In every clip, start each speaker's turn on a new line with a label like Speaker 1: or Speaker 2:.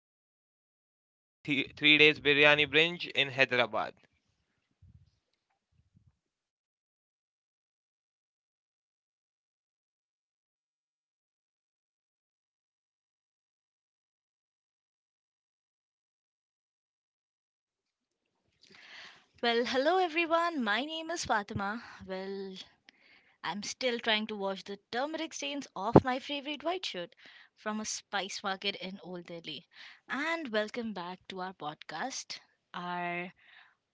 Speaker 1: currently recovering from the three days biryani binge in Hyderabad.
Speaker 2: Well, hello everyone. My name is Fatima. I'm still trying to wash the turmeric stains off my favorite white shirt from a spice market in Old Delhi. And welcome back to our podcast. Our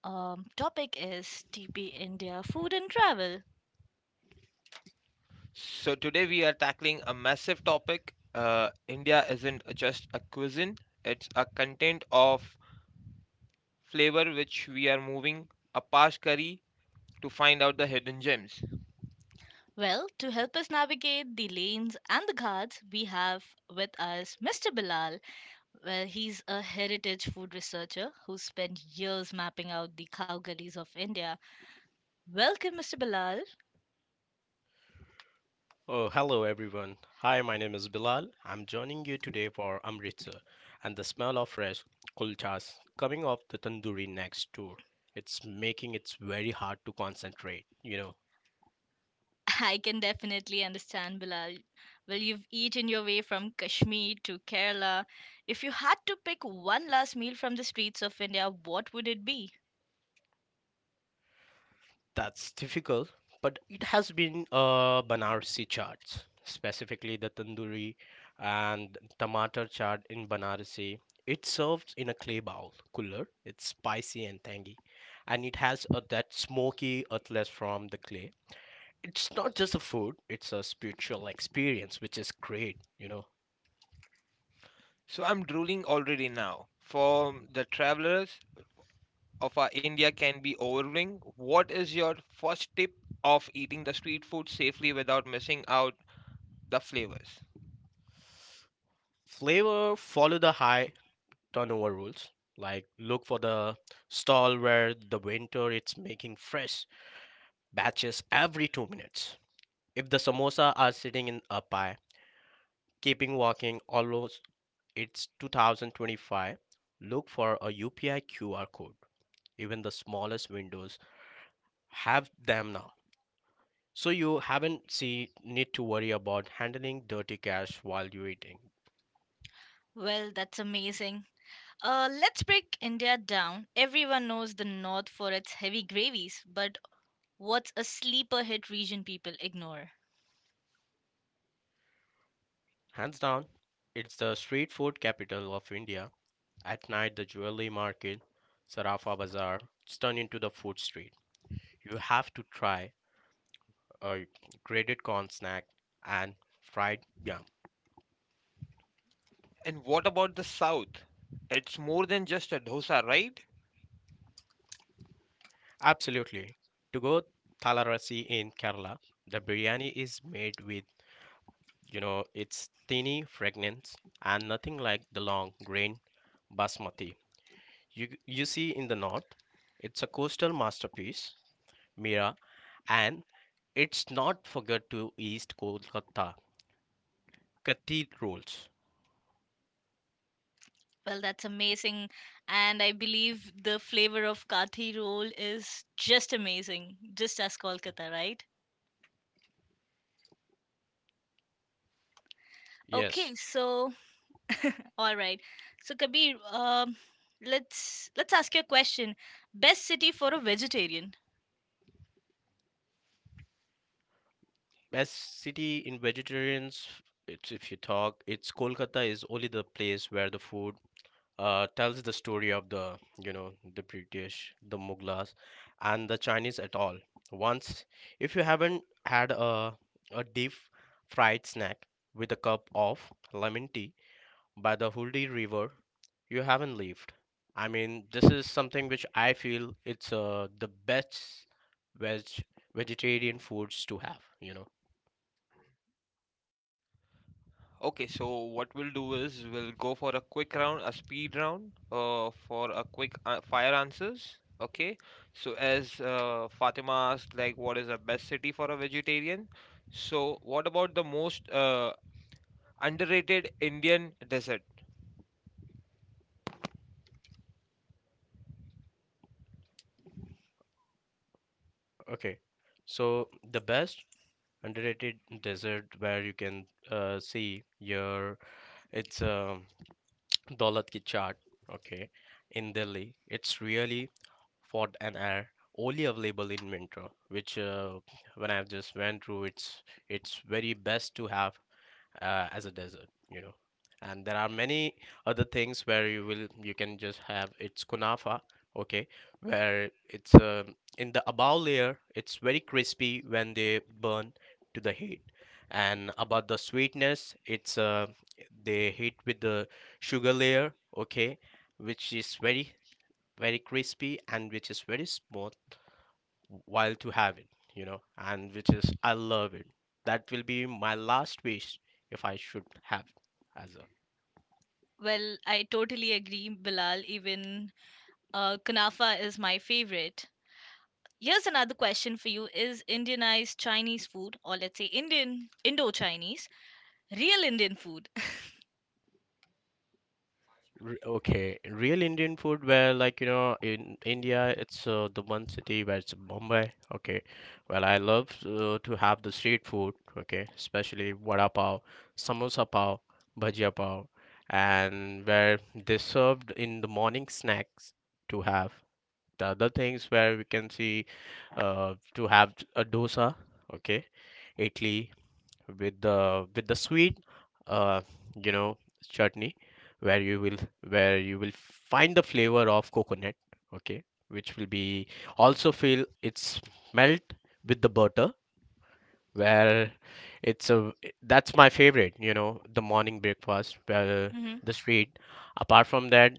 Speaker 2: um, topic is TP India food and travel.
Speaker 1: So today we are tackling a massive topic. India isn't just a cuisine; it's a content of flavor which we are moving a past curry to find out the hidden gems.
Speaker 2: Well, to help us navigate the lanes and the ghats, we have with us Mr. Bilal. Well, he's a heritage food researcher who spent years mapping out the cow gullies of India. Welcome, Mr. Bilal.
Speaker 3: Oh, hello everyone. Hi, my name is Bilal. I'm joining you today for Amritsar and the smell of fresh kulchas coming off the tandoori next door. It's making it very hard to concentrate, you know.
Speaker 2: I can definitely understand, Bilal. Well, you've eaten your way from Kashmir to Kerala. If you had to pick one last meal from the streets of India, what would it be?
Speaker 3: That's difficult, but it has been Banarsi charts, specifically the tandoori and tomato chaat in Banarsi. It serves in a clay bowl cooler. It's spicy and tangy, and it has that smoky earthless from the clay. It's not just a food, it's a spiritual experience, which is great, you know.
Speaker 1: So I'm drooling already now. For the travelers of our India can be overwhelming. What is your first tip of eating the street food safely without missing out the flavors?
Speaker 3: Flavor, follow the high turnover rules. Like look for the stall where the winter it's making fresh batches every 2 minutes. If the samosa are sitting in a pie, keeping walking almost it's 2025, look for a UPI QR code. Even the smallest windows have them now. So you haven't see need to worry about handling dirty cash while you're eating.
Speaker 2: Well, that's amazing. Let's break India down. Everyone knows the North for its heavy gravies, but what's a sleeper hit region people ignore?
Speaker 3: Hands down, it's the street food capital of India. At night, the jewelry market, Sarafa Bazaar, it's into the food street. You have to try a grated corn snack, and fried yam.
Speaker 1: And what about the South? It's more than just a dosa, right?
Speaker 3: Absolutely. To go Thalarasi in Kerala, the biryani is made with, you know, its tiny fragrance and nothing like the long grain basmati. You see in the north, it's a coastal masterpiece, Mira, and it's not forget to East Kolkata. Cathedrals.
Speaker 2: Well, that's amazing. And I believe the flavor of kathi roll is just amazing, just as Kolkata, right?
Speaker 3: Yes.
Speaker 2: Okay, so all right. So Kabir, let's ask you a question. Best city for a vegetarian?
Speaker 3: Best city in vegetarians, it's if you talk, it's Kolkata is only the place where the food tells the story of the, you know, the British, the Mughals and the Chinese at all once. If you haven't had a deep fried snack with a cup of lemon tea by the Huldi River, you haven't lived. I mean, this is something which I feel it's the best veg vegetarian foods to have, you know.
Speaker 1: Okay, so what we'll do is we'll go for a quick round, a speed round, for a quick fire answers. Okay, so as Fatima asked, like, what is the best city for a vegetarian? So, what about the most underrated Indian dessert?
Speaker 3: Okay. So the best underrated dessert where you can see your it's Daulat Ki Chaat, okay, in Delhi. It's really for an air only available in winter, which when I've just went through, it's very best to have as a desert, you know. And there are many other things where you will you can just have it's kunafa, okay, where it's in the above layer, it's very crispy when they burn to the heat. And about the sweetness, it's they hit with the sugar layer, okay, which is very crispy and which is very smooth while to have it, you know, and which is I love it. That will be my last wish if I should have it as a...
Speaker 2: Well, I totally agree, Bilal. Even Kunafa is my favorite. Here's another question for you: Is Indianized Chinese food, or let's say Indian Indo-Chinese, real Indian food?
Speaker 3: Okay, real Indian food where, like, you know, in India it's the one city where it's Bombay. Okay, well I love to have the street food. Okay, especially vada pav, samosa pav, bhajia pav, and where they served in the morning snacks to have. The other things where we can see to have a dosa. Okay, idli, with the sweet uh you know chutney where you will where you will find the flavor of coconut, okay, which will be also feel its melt with the butter. Well, it's a that's my favorite, you know, the morning breakfast. Well,
Speaker 2: Hmm.
Speaker 3: the street. Apart from that,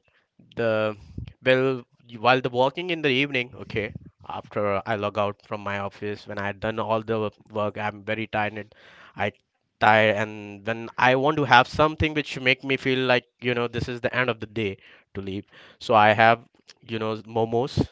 Speaker 3: the, well, while the walking in the evening, okay, after I log out from my office when I done all the work, I'm very tired. And I tired and then I want to have something which make me feel like, you know, this is the end of the day to leave. So I have, you know, momos.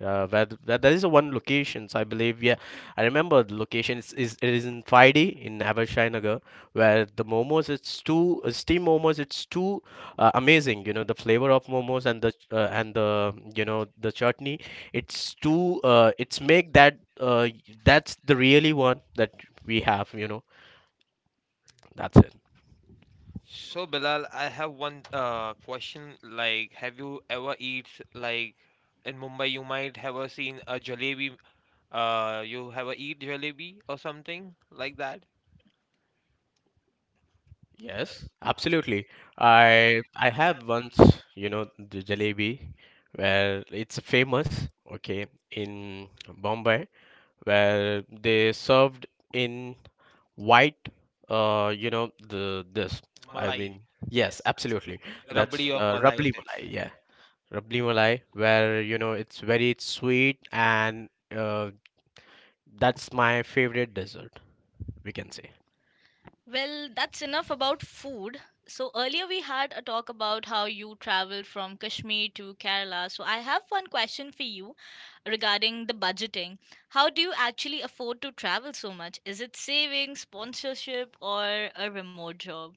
Speaker 3: Where, where there is a one locations I believe, yeah, I remember the location is it is in 5D in Abhishanagar, where the momos it's too steam momos it's too amazing. You know the flavor of momos and the and the, you know, the chutney. It's too it's make that that's the really one that we have. You know, that's it.
Speaker 1: So Bilal, I have one question. Like, have you ever eat like in Mumbai? You might have a seen a jalebi. You have a eat jalebi or something like that.
Speaker 3: Yes, absolutely. I have once, you know, the jalebi, where it's famous, okay, in Bombay, where they served in white, you know, the this. I
Speaker 1: Malai,
Speaker 3: mean, yes, absolutely.
Speaker 1: rabdi
Speaker 3: That's
Speaker 1: or malai it
Speaker 3: rabli
Speaker 1: is.
Speaker 3: malai, yeah, rabli malai, where you know it's very sweet and uh, that's my favorite dessert, we can say.
Speaker 2: Well, that's enough about food. So earlier we had a talk about how you traveled from Kashmir to Kerala. So I have one question for you regarding the budgeting. How do you actually afford to travel so much? Is it savings, sponsorship, or a remote job?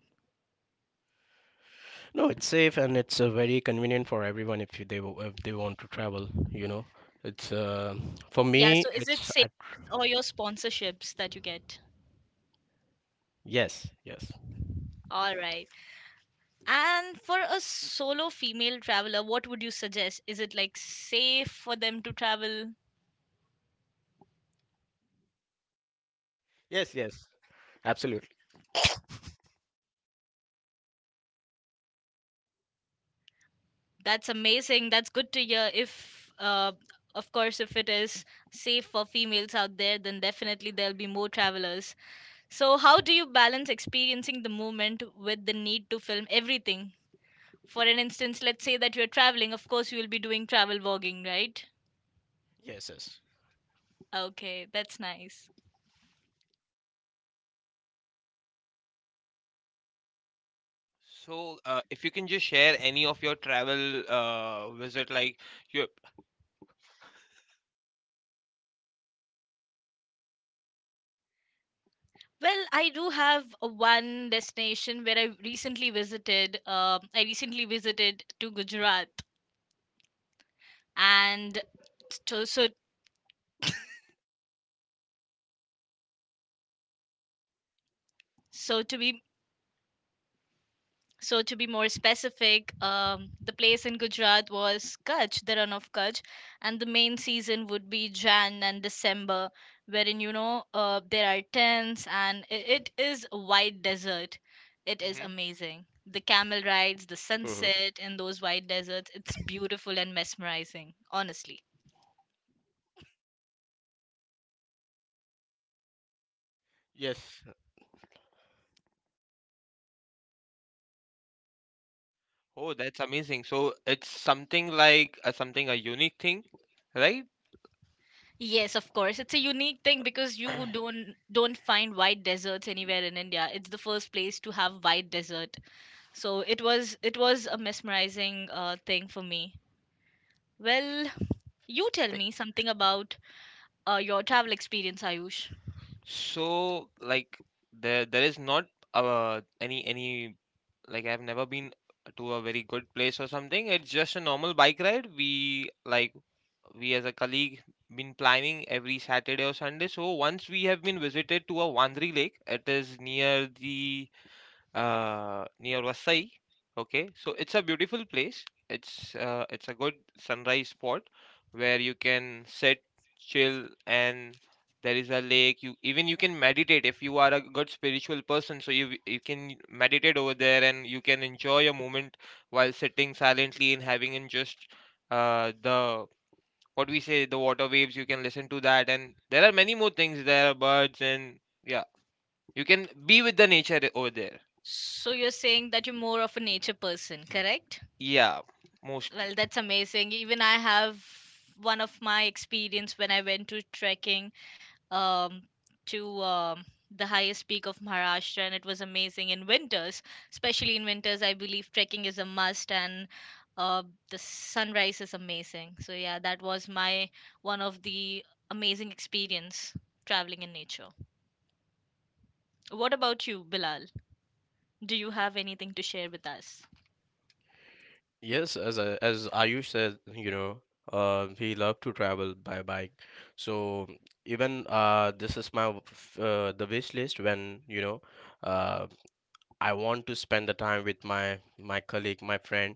Speaker 3: No, it's safe and it's very convenient for everyone if if they want to travel. You know, it's for
Speaker 2: Yeah, so
Speaker 3: me.
Speaker 2: is it
Speaker 3: It's
Speaker 2: savings
Speaker 3: I-
Speaker 2: or your sponsorships that you get?
Speaker 3: yes, yes.
Speaker 2: All right. And for a solo female traveler, what would you suggest? Is it like safe for them to travel?
Speaker 3: Yes, yes, absolutely.
Speaker 2: That's amazing. That's good to hear. If, of course, if it is safe for females out there, then definitely there'll be more travelers. So, how do you balance experiencing the moment with the need to film everything? For an instance, let's say that you're traveling, of course, you will be doing travel vlogging, right?
Speaker 3: Yes, yes.
Speaker 2: Okay, that's nice.
Speaker 1: So, if you can just share any of your travel visit, like your.
Speaker 2: Well, I do have a one destination where I recently visited. I recently visited to Gujarat, and so so so to be So, to be more specific, the place in Gujarat was Kutch, the run of Kutch, and the main season would be Jan and December, wherein you know there are tents and I it is a white desert. It is
Speaker 1: Hmm.
Speaker 2: amazing. The camel rides, the
Speaker 3: Hmm.
Speaker 2: sunset in those white deserts, it's beautiful and mesmerizing, honestly.
Speaker 3: Yes.
Speaker 1: Oh, that's amazing. So it's something like something a unique thing, right?
Speaker 2: Yes, of course. It's a unique thing because you don't find white deserts anywhere in India. It's the first place to have white desert. So it was a mesmerizing thing for me. Well, you tell me something about your travel experience, Ayush.
Speaker 1: So like there is not any like I've never been to a very good place or something. It's just a normal bike ride. We like we as a colleague been planning every Saturday or Sunday. So once we have been visited to a Wandri lake. It is near the near Vasai. Okay, so it's a beautiful place. It's a good sunrise spot where you can sit, chill, and there is a lake. You even you can meditate if you are a good spiritual person. So you can meditate over there and you can enjoy a moment while sitting silently and having in just the what we say the water waves. You can listen to that, and there are many more things. There are birds and yeah, you can be with the nature over there.
Speaker 2: So you're saying that you're more of a nature person, correct?
Speaker 1: Yeah, mostly.
Speaker 2: Well, that's amazing. Even I have one of my experience when I went to trekking um, to the highest peak of Maharashtra, and it was amazing in winters. Especially in winters, I believe trekking is a must, and uh, the sunrise is amazing. So yeah, that was my one of the amazing experience traveling in nature. What about you, Bilal? Do you have anything to share with us?
Speaker 3: Yes, as Ayush said, you know, he loved to travel by bike. So even this is my the wish list when, you know, uh, I want to spend the time with my colleague, my friend,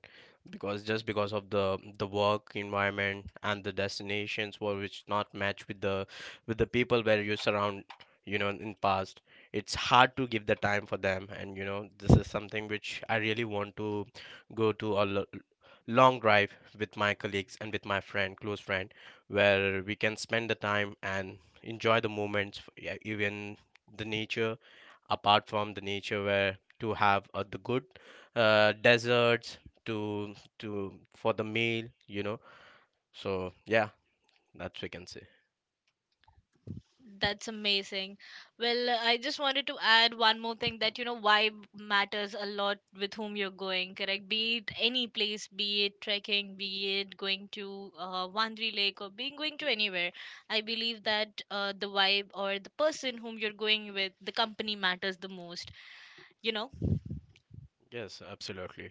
Speaker 3: because just because of the work environment and the destinations were which not match with the people where you surround, you know, in past. It's hard to give the time for them, and you know, this is something which I really want to go to a long drive with my colleagues and with my friend, close friend, where we can spend the time and enjoy the moments, yeah, even the nature apart from the nature where to have the good desserts to to for the meal, you know. So yeah, that's we can say.
Speaker 2: That's amazing. Well, I just wanted to add one more thing that you know vibe matters a lot with whom you're going, correct? Be it any place, be it trekking, be it going to Wandri Lake or being going to anywhere. I believe that the vibe or the person whom you're going with, the company matters the most. You know?
Speaker 3: Yes, absolutely.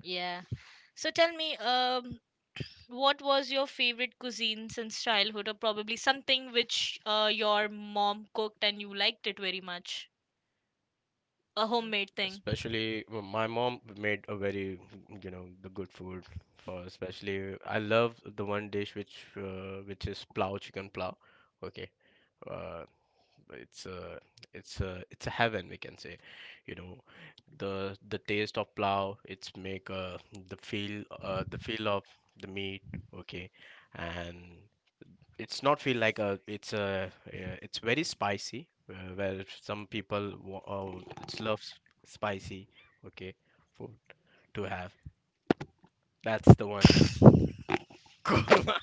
Speaker 2: Yeah. So tell me, what was your favorite cuisine since childhood, or probably something which your mom cooked and you liked it very much? A homemade thing.
Speaker 3: Especially my mom made a very, you know, the good food for. Especially I love the one dish which is plow, chicken plow, okay, uh, it's a it's a heaven we can say, you know, the taste of plow it's make the feel of the meat, okay, and it's not feel like a it's very spicy where some people oh, it's loves spicy, okay, food to have. That's the one. Korma,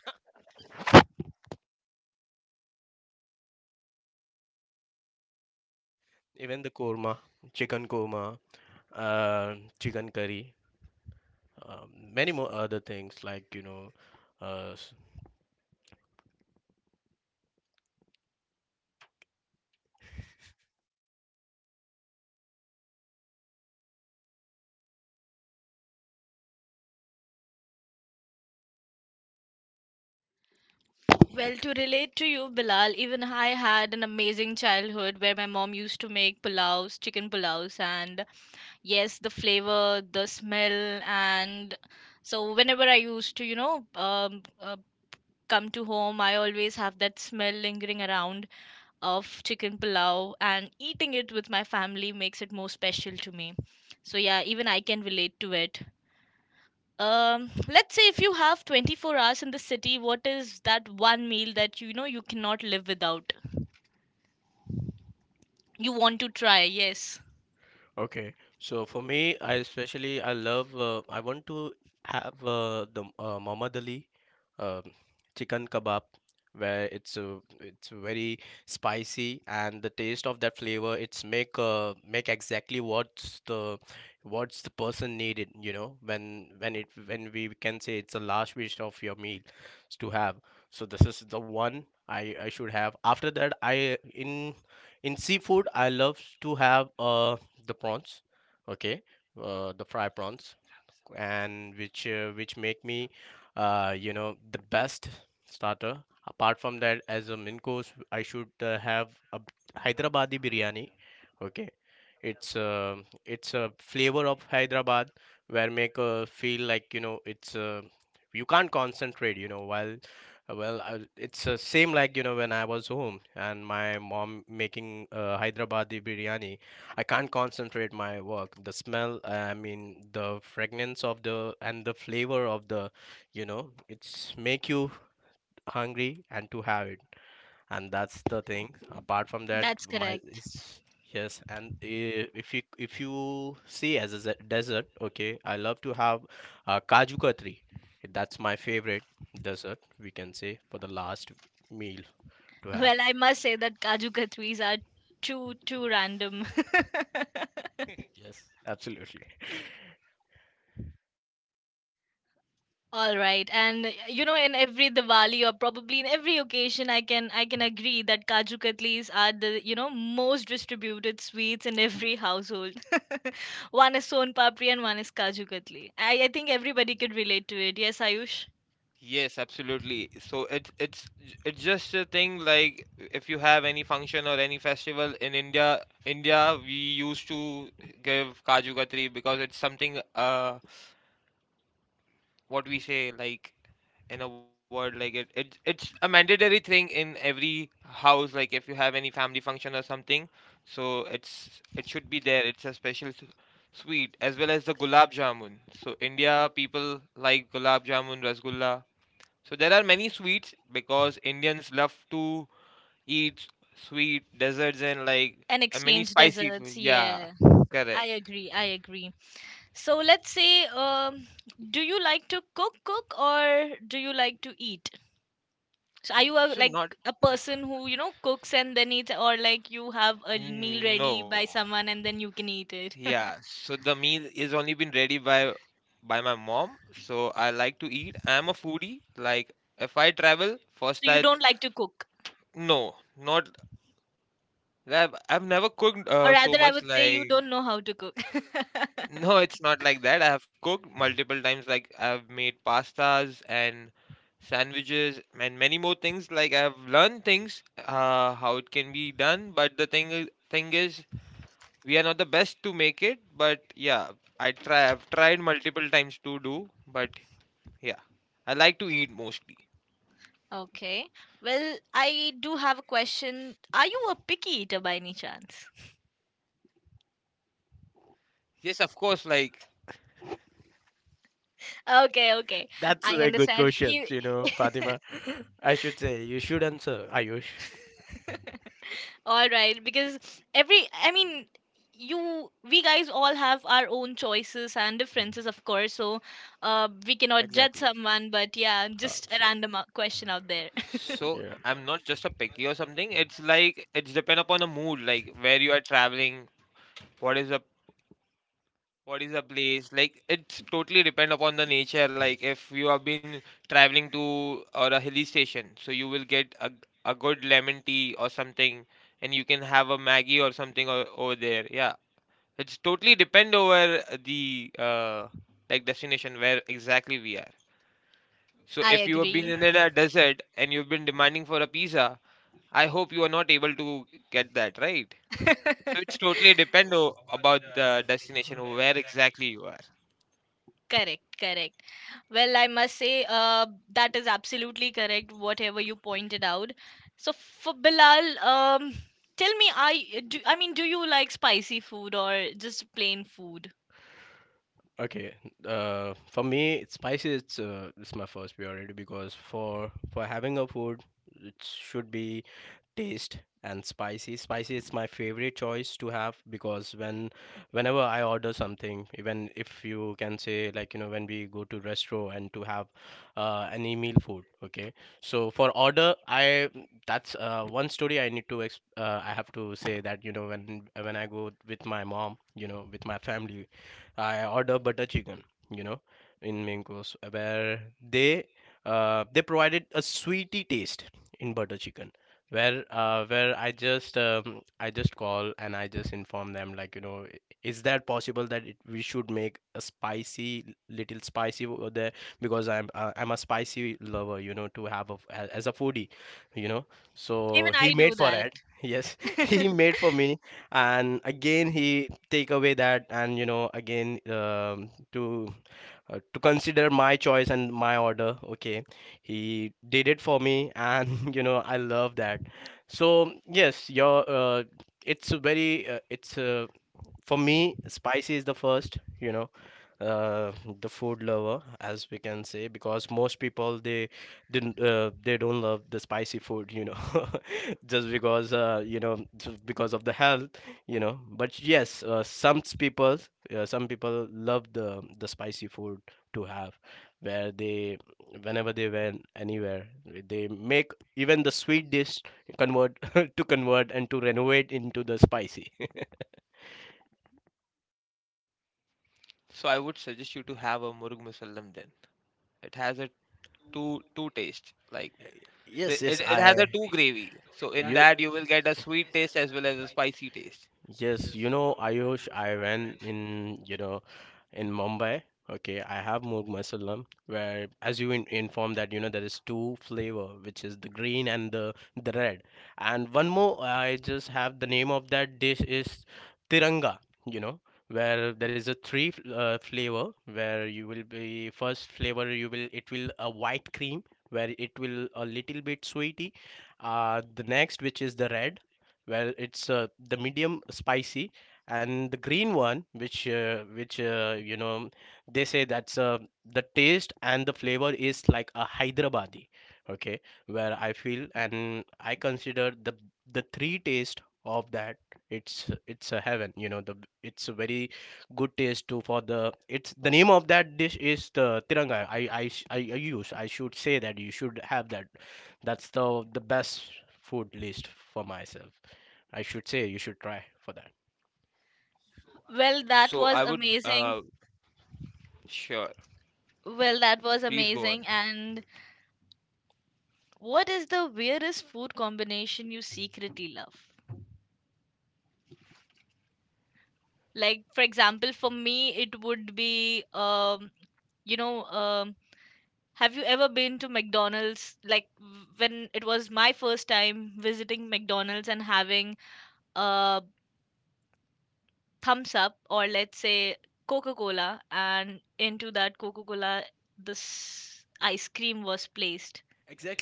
Speaker 3: even the korma, chicken korma, chicken curry, um, many more other things, like, you know, uh, s-
Speaker 2: Well, to relate to you, Bilal, even I had an amazing childhood where my mom used to make pulaus, chicken pulaus, and yes, the flavor, the smell, and so whenever I used to, you know, come to home, I always have that smell lingering around of chicken pulao, and eating it with my family makes it more special to me. So yeah, even I can relate to it. Let's say if you have 24 hours in the city, what is that one meal that you know you cannot live without? You want to try, yes.
Speaker 3: Okay, so for me, I especially I love I want to have the Muhammad Ali um, chicken kebab where it's very spicy and the taste of that flavor it's make make exactly what's the person needed, you know, when it when we can say it's the last wish of your meal to have. So this is the one I should have. After that, I in seafood I love to have the prawns, okay, the fry prawns, and which make me you know the best starter. Apart from that, as a main course, I should have a hyderabadi biryani, okay, it's uh, it's a flavor of Hyderabad where make feel like, you know, it's you can't concentrate, you know, while, well, it's same like, you know, when I was home and my mom making hyderabadi biryani. I can't concentrate my work. The smell, I mean, the fragrance of the and the flavor of the, you know, it's make you hungry and to have it, and that's the thing. Apart from that,
Speaker 2: That's
Speaker 3: my
Speaker 2: correct.
Speaker 3: it's yes, and if you see as a dessert, okay, I love to have kaju katri. That's my favorite dessert. We can say for the last meal to have.
Speaker 2: Well, I must say that Kaju Katris are too random.
Speaker 3: Yes, absolutely.
Speaker 2: All right, and you know, in every Diwali or probably in every occasion, I can agree that kaju katlis are the you know most distributed sweets in every household. One is son papri and one is kaju katli. I think everybody could relate to it. Yes, Ayush.
Speaker 1: Yes, absolutely. So it's it's just a thing like if you have any function or any festival in India, India we used to give Kaju Katri because it's something what we say like in a word like it, it's a mandatory thing in every house like if you have any family function or something, so it's it should be there. It's a special sweet as well as the gulab jamun. So India people like gulab jamun rasgulla. So there are many sweets because Indians love to eat sweet desserts and like
Speaker 2: And
Speaker 1: many
Speaker 2: exchange
Speaker 1: spicy
Speaker 2: desserts.
Speaker 1: food. Yeah,
Speaker 2: Yeah, I
Speaker 1: correct.
Speaker 2: agree. I agree. So let's say, do you like to cook, or do you like to eat? So are you a,
Speaker 1: So
Speaker 2: like
Speaker 1: not
Speaker 2: a person who you know cooks and then eats, or like you have a meal ready by
Speaker 1: no.
Speaker 2: someone and then you can eat it?
Speaker 1: Yeah. So the meal is only been ready by my mom. So I like to eat. I'm a foodie. Like if I travel,
Speaker 2: So
Speaker 1: first
Speaker 2: you
Speaker 1: I
Speaker 2: don't like to cook,
Speaker 1: no, not I've never cooked
Speaker 2: or
Speaker 1: so
Speaker 2: rather, I
Speaker 1: much
Speaker 2: would say you
Speaker 1: like
Speaker 2: don't know how to cook.
Speaker 1: no, it's not like that. I have cooked multiple times. Like I've made pastas and sandwiches and many more things. Like I've learned things how it can be done. But the thing is, we are not the best to make it. But yeah, I try. I've tried multiple times to do. But yeah, I like to eat mostly.
Speaker 2: Okay. Well, I do have a question. Are you a picky eater by any chance?
Speaker 1: Yes, of course. Like
Speaker 2: Okay, okay.
Speaker 3: That's a
Speaker 2: I
Speaker 3: very good
Speaker 2: understand.
Speaker 3: question,
Speaker 2: E-
Speaker 3: you know, Fatima. I should say you should answer Ayush.
Speaker 2: All right, because every, I mean, you, we guys all have our own choices and differences, of course. So, we cannot judge
Speaker 3: Exactly.
Speaker 2: someone, but yeah, just a
Speaker 3: So,
Speaker 2: random question out there.
Speaker 1: so,
Speaker 3: yeah.
Speaker 1: I'm not just a picky or something. It's like it's depend upon the mood. Like where you are traveling, what is the what is the place like it's totally depend upon the nature like if you have been traveling to or a hilly station, so you will get a good lemon tea or something and you can have a maggie or something over there. Yeah, it's totally depend over the like destination where exactly we are. So
Speaker 2: I
Speaker 1: if you have been
Speaker 2: agree.
Speaker 1: in a desert and you've been demanding for a pizza, I hope you are not able to get that, right? So it's
Speaker 2: Correct,
Speaker 1: totally depend about the destination where exactly you are.
Speaker 2: correct. Well, I must say, that is absolutely correct. Whatever you pointed out. So for Bilal, tell me, I do. I mean, do you like spicy food or just plain food?
Speaker 3: Okay, for me, it's spicy. It's my first priority because for having a food, it should be taste and spicy. Spicy is my favorite choice to have because when whenever I order something, even if you can say, like, you know, when we go to restaurant and to have any meal food, okay. So for order, I that's one story I need to I have to say that, you know, when I go with my mom, you know, with my family. I order butter chicken, you know, in main course where they they provided a sweety taste in butter chicken where I just call and I just inform them like is that possible that we should make a spicy, little spicy over there, because I'm a spicy lover, to have, as a foodie, you know so
Speaker 2: Even
Speaker 3: he
Speaker 2: I do
Speaker 3: made for
Speaker 2: that.
Speaker 3: it." Yes, he made for me. And again he take away that, and again, to consider my choice and my order, okay, he did it for me, and I love that. So yes, your it's a very it's for me, spicy is the first, uh, the food lover, as we can say, because most people, they don't love the spicy food, just because just because of the health, but yes, some people, some people love the spicy food to have, where they, whenever they went anywhere, they make even the sweet dish convert, to convert and to renovate into the spicy.
Speaker 1: So I would suggest you to have a murug musallam then. It has a two taste. Like
Speaker 3: Yeah.
Speaker 1: the,
Speaker 3: Yes,
Speaker 1: it
Speaker 3: yes,
Speaker 1: yes, it has
Speaker 3: I.
Speaker 1: a two gravy. So in
Speaker 3: You.
Speaker 1: that you will get a sweet taste as well as a spicy taste.
Speaker 3: Yes, you know, Ayush, I went in, you know, in Mumbai. Okay, I have Moog Masalam, where as you in informed that you know there is two flavor, which is the green and the red, and one more. I just have the name of that dish is Tiranga. You know, where there is a three flavor, where you will be first flavor, you will, it will a white cream, where it will a little bit sweety. The next, which is the red, well, it's the medium spicy. And the green one, which you know, they say that's the taste and the flavor is like a Hyderabadi. Okay, where I feel and I consider the three taste of that, it's a heaven, you know. The, it's a very good taste too. For the, it's the name of that dish is the tiranga. I use, I should say that you should have that. That's the best food list for myself. I should say you should try for that.
Speaker 1: So I
Speaker 2: Well,
Speaker 1: would
Speaker 2: that was amazing.
Speaker 1: sure.
Speaker 2: Well, that
Speaker 1: Please
Speaker 2: was
Speaker 1: go on.
Speaker 2: amazing. And what is the weirdest food combination you secretly love? Like, for example, for me, it would be, you know, have you ever been to McDonald's? Like, w- when it was my first time visiting McDonald's and having a thumbs up or let's say Coca Cola, and into that Coca Cola, this ice cream was placed.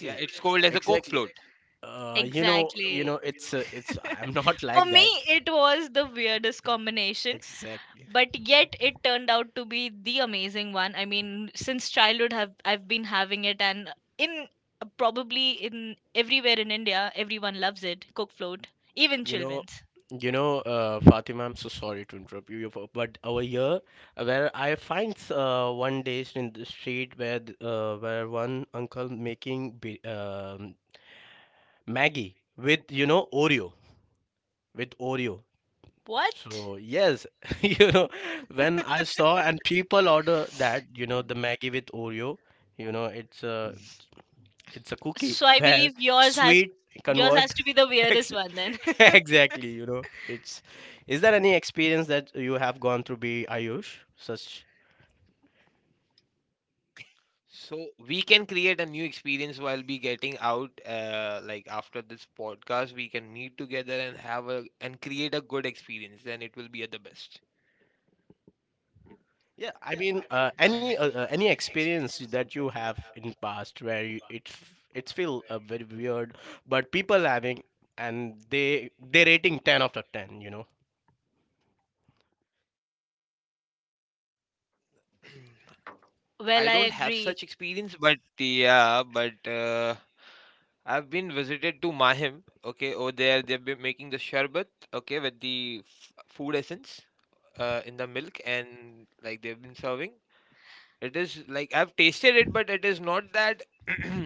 Speaker 1: Yeah, it's called as a coke
Speaker 3: Exactly.
Speaker 1: float.
Speaker 3: You know, you know,
Speaker 2: Exactly.
Speaker 3: it's. I'm not
Speaker 2: For
Speaker 3: like
Speaker 2: me,
Speaker 3: that.
Speaker 2: it was the weirdest combination,
Speaker 3: Exactly.
Speaker 2: but yet it turned out to be the amazing one. I mean, since childhood, have I've been having it, and in probably in everywhere in India, everyone loves it. Cook float, even
Speaker 3: You know,
Speaker 2: children's.
Speaker 3: you know, Fatima, I'm so sorry to interrupt you, but over here, where I find one day in the street, where where one uncle making Maggie with, you know, Oreo, with Oreo.
Speaker 2: What?
Speaker 3: So yes, you know, when I saw and people order that, you know, the Maggie with Oreo, you know, it's a, it's a cookie,
Speaker 2: So I
Speaker 3: where
Speaker 2: believe
Speaker 3: sweet
Speaker 2: yours
Speaker 3: convert.
Speaker 2: has to be the
Speaker 3: ex-
Speaker 2: weirdest one then.
Speaker 3: exactly, you know. It's, is there any experience that you have gone through, be Ayush? Such,
Speaker 1: So we can create a new experience while we getting out like after this podcast we can meet together and have a and create a good experience, then it will be at the best.
Speaker 3: yeah, I mean, any experience that you have in past where you, it's feel very weird, but people having, and they rating 10 out of 10, you know.
Speaker 1: I don't have such
Speaker 2: Well, I
Speaker 1: experience, but
Speaker 2: agree.
Speaker 1: yeah, but I've been visited to Mahim. Okay, over there they've been making the sherbet. Okay, with the food essence in the milk, and like they've been serving. It is like I've tasted it, but it is not that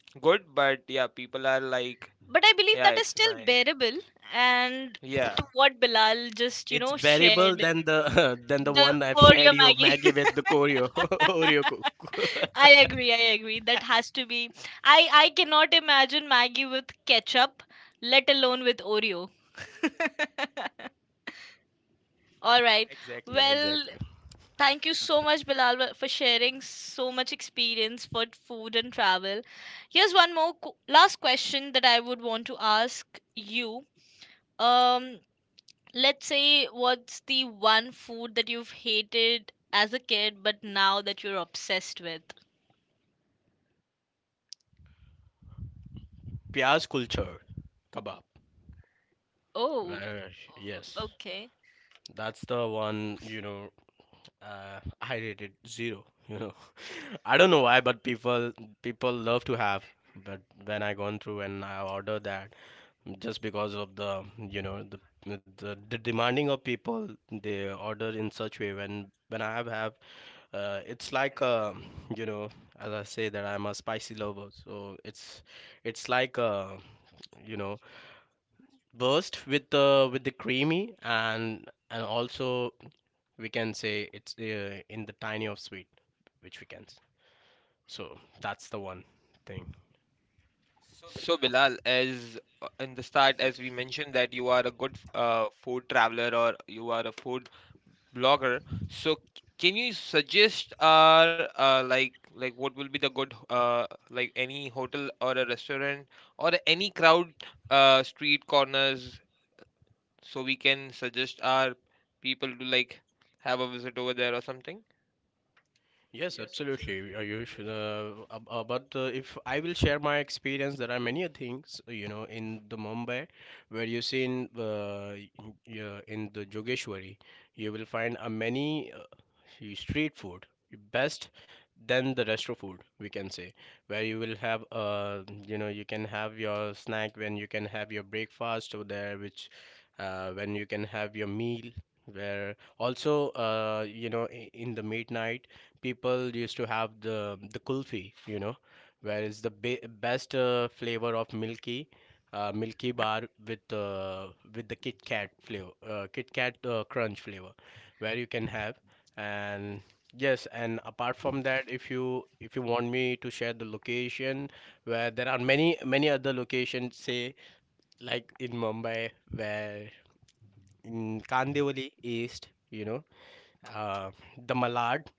Speaker 1: good. But yeah, people are like,
Speaker 2: But I
Speaker 1: yeah,
Speaker 2: believe
Speaker 1: it's
Speaker 2: that is
Speaker 1: nice.
Speaker 2: still bearable. And
Speaker 1: Yeah.
Speaker 2: to what Bilal just, you
Speaker 3: It's
Speaker 2: know,
Speaker 3: bearable
Speaker 2: shared
Speaker 3: than the than the
Speaker 2: the
Speaker 3: one I've shared
Speaker 2: Oreo
Speaker 3: you,
Speaker 2: Maggie.
Speaker 3: Maggie with the Koryo Oreo. Cook.
Speaker 2: I agree, I agree. That has to be. I cannot imagine Maggie with ketchup, let alone with Oreo. All right.
Speaker 3: Exactly,
Speaker 2: Well,
Speaker 3: exactly.
Speaker 2: thank you so much, Bilal, wa- for sharing so much experience for food and travel. Here's one more qu- last question that I would want to ask you. Um, let's say what's the one food that you've hated as a kid, but now that you're obsessed with?
Speaker 3: Pyaz culture kebab.
Speaker 2: Oh,
Speaker 3: Uh, yes.
Speaker 2: okay.
Speaker 3: That's the one, you know, I rated zero, you know. I don't know why, but people, people love to have. But when I gone through and I order that, just because of the, you know, the, the demanding of people, they order in such way. When I have, it's like you know, as I say that I'm a spicy lover, so it's, it's like uh, you know, burst with the, with the creamy, and also we can say it's in the tiny of sweet, which we can. So that's the one thing.
Speaker 1: So Bilal, as in the start, as we mentioned that you are a good food traveler or you are a food blogger. So can you suggest like what will be the good like any hotel or a restaurant or any crowd street corners, so we can suggest our people to like have a visit over there or something?
Speaker 3: Yes, absolutely, Ayush. But if I will share my experience, there are many a things, you know, in the Mumbai, where you see in in the Jogeshwari, you will find a many, street food, best than the restaurant food, we can say, where you will have, you know, you can have your snack, when you can have your breakfast over there, which, when you can have your meal. Where also, you know, in the midnight, people used to have the kulfi, you know, where is the best flavor of milky, milky bar with, with the Kit Kat flavor, Kit Kat crunch flavor, where you can have. And yes, and apart from that, if you, if you want me to share the location, where there are many, many other locations, say like in Mumbai, where in Kandivali East, you know, uh, the Malad,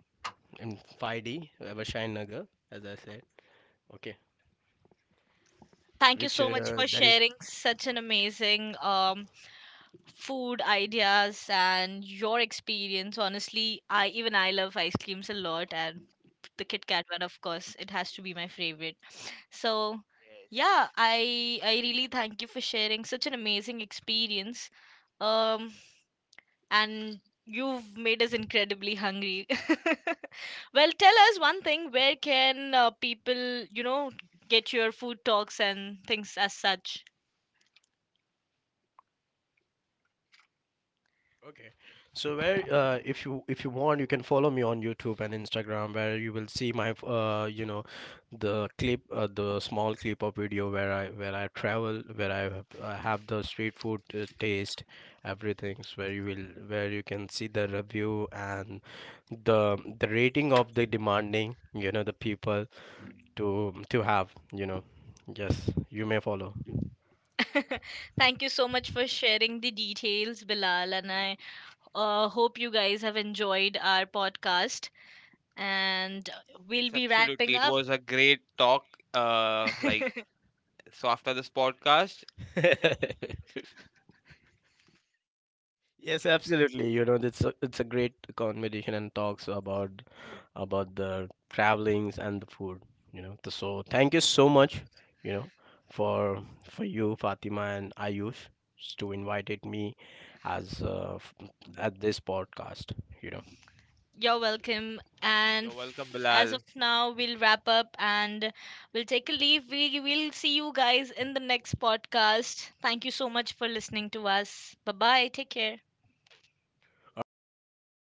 Speaker 3: in 5D, Vashain Nagar, as I said. Okay,
Speaker 2: Thank you
Speaker 3: which
Speaker 2: so much for
Speaker 3: that is.
Speaker 2: sharing such an amazing food ideas and your experience. Honestly, I even I love ice creams a lot, and the Kit Kat one, of course, it has to be my favorite. So, yeah,
Speaker 1: Yes.
Speaker 2: I really thank you for sharing such an amazing experience. Um, and you've made us incredibly hungry. Well, tell us one thing: where can people, you know, get your food talks and things as such?
Speaker 3: Okay. So where, if you, if you want, you can follow me on YouTube and Instagram, where you will see my, you know, the clip, the small clip of video, where I, where I travel, where I have the street food, taste, everything. So where you will, where you can see the review and the rating of the demanding, you know, the people to have, you know. Yes, you may follow.
Speaker 2: Thank you so much for sharing the details, Bilal. And I hope you guys have enjoyed our podcast. And we'll
Speaker 1: Yes,
Speaker 2: be wrapping
Speaker 1: absolutely. It
Speaker 2: up.
Speaker 1: was a great talk. Like so after this podcast,
Speaker 3: Mhm. Yes, absolutely. You know, it's a great conversation and talks about the travelings and the food. You know, so thank you so much. You know, for you, Fatima and Ayush, to invited me as, at this podcast. You know,
Speaker 2: You're welcome.
Speaker 1: you're
Speaker 2: And
Speaker 1: welcome
Speaker 2: f- as
Speaker 1: Bilal.
Speaker 2: of now, we'll wrap up and we'll take a leave. We will see you guys in the next podcast. Thank you so much for listening to us. Bye bye. Take care.
Speaker 3: all right, bye.
Speaker 1: Bye.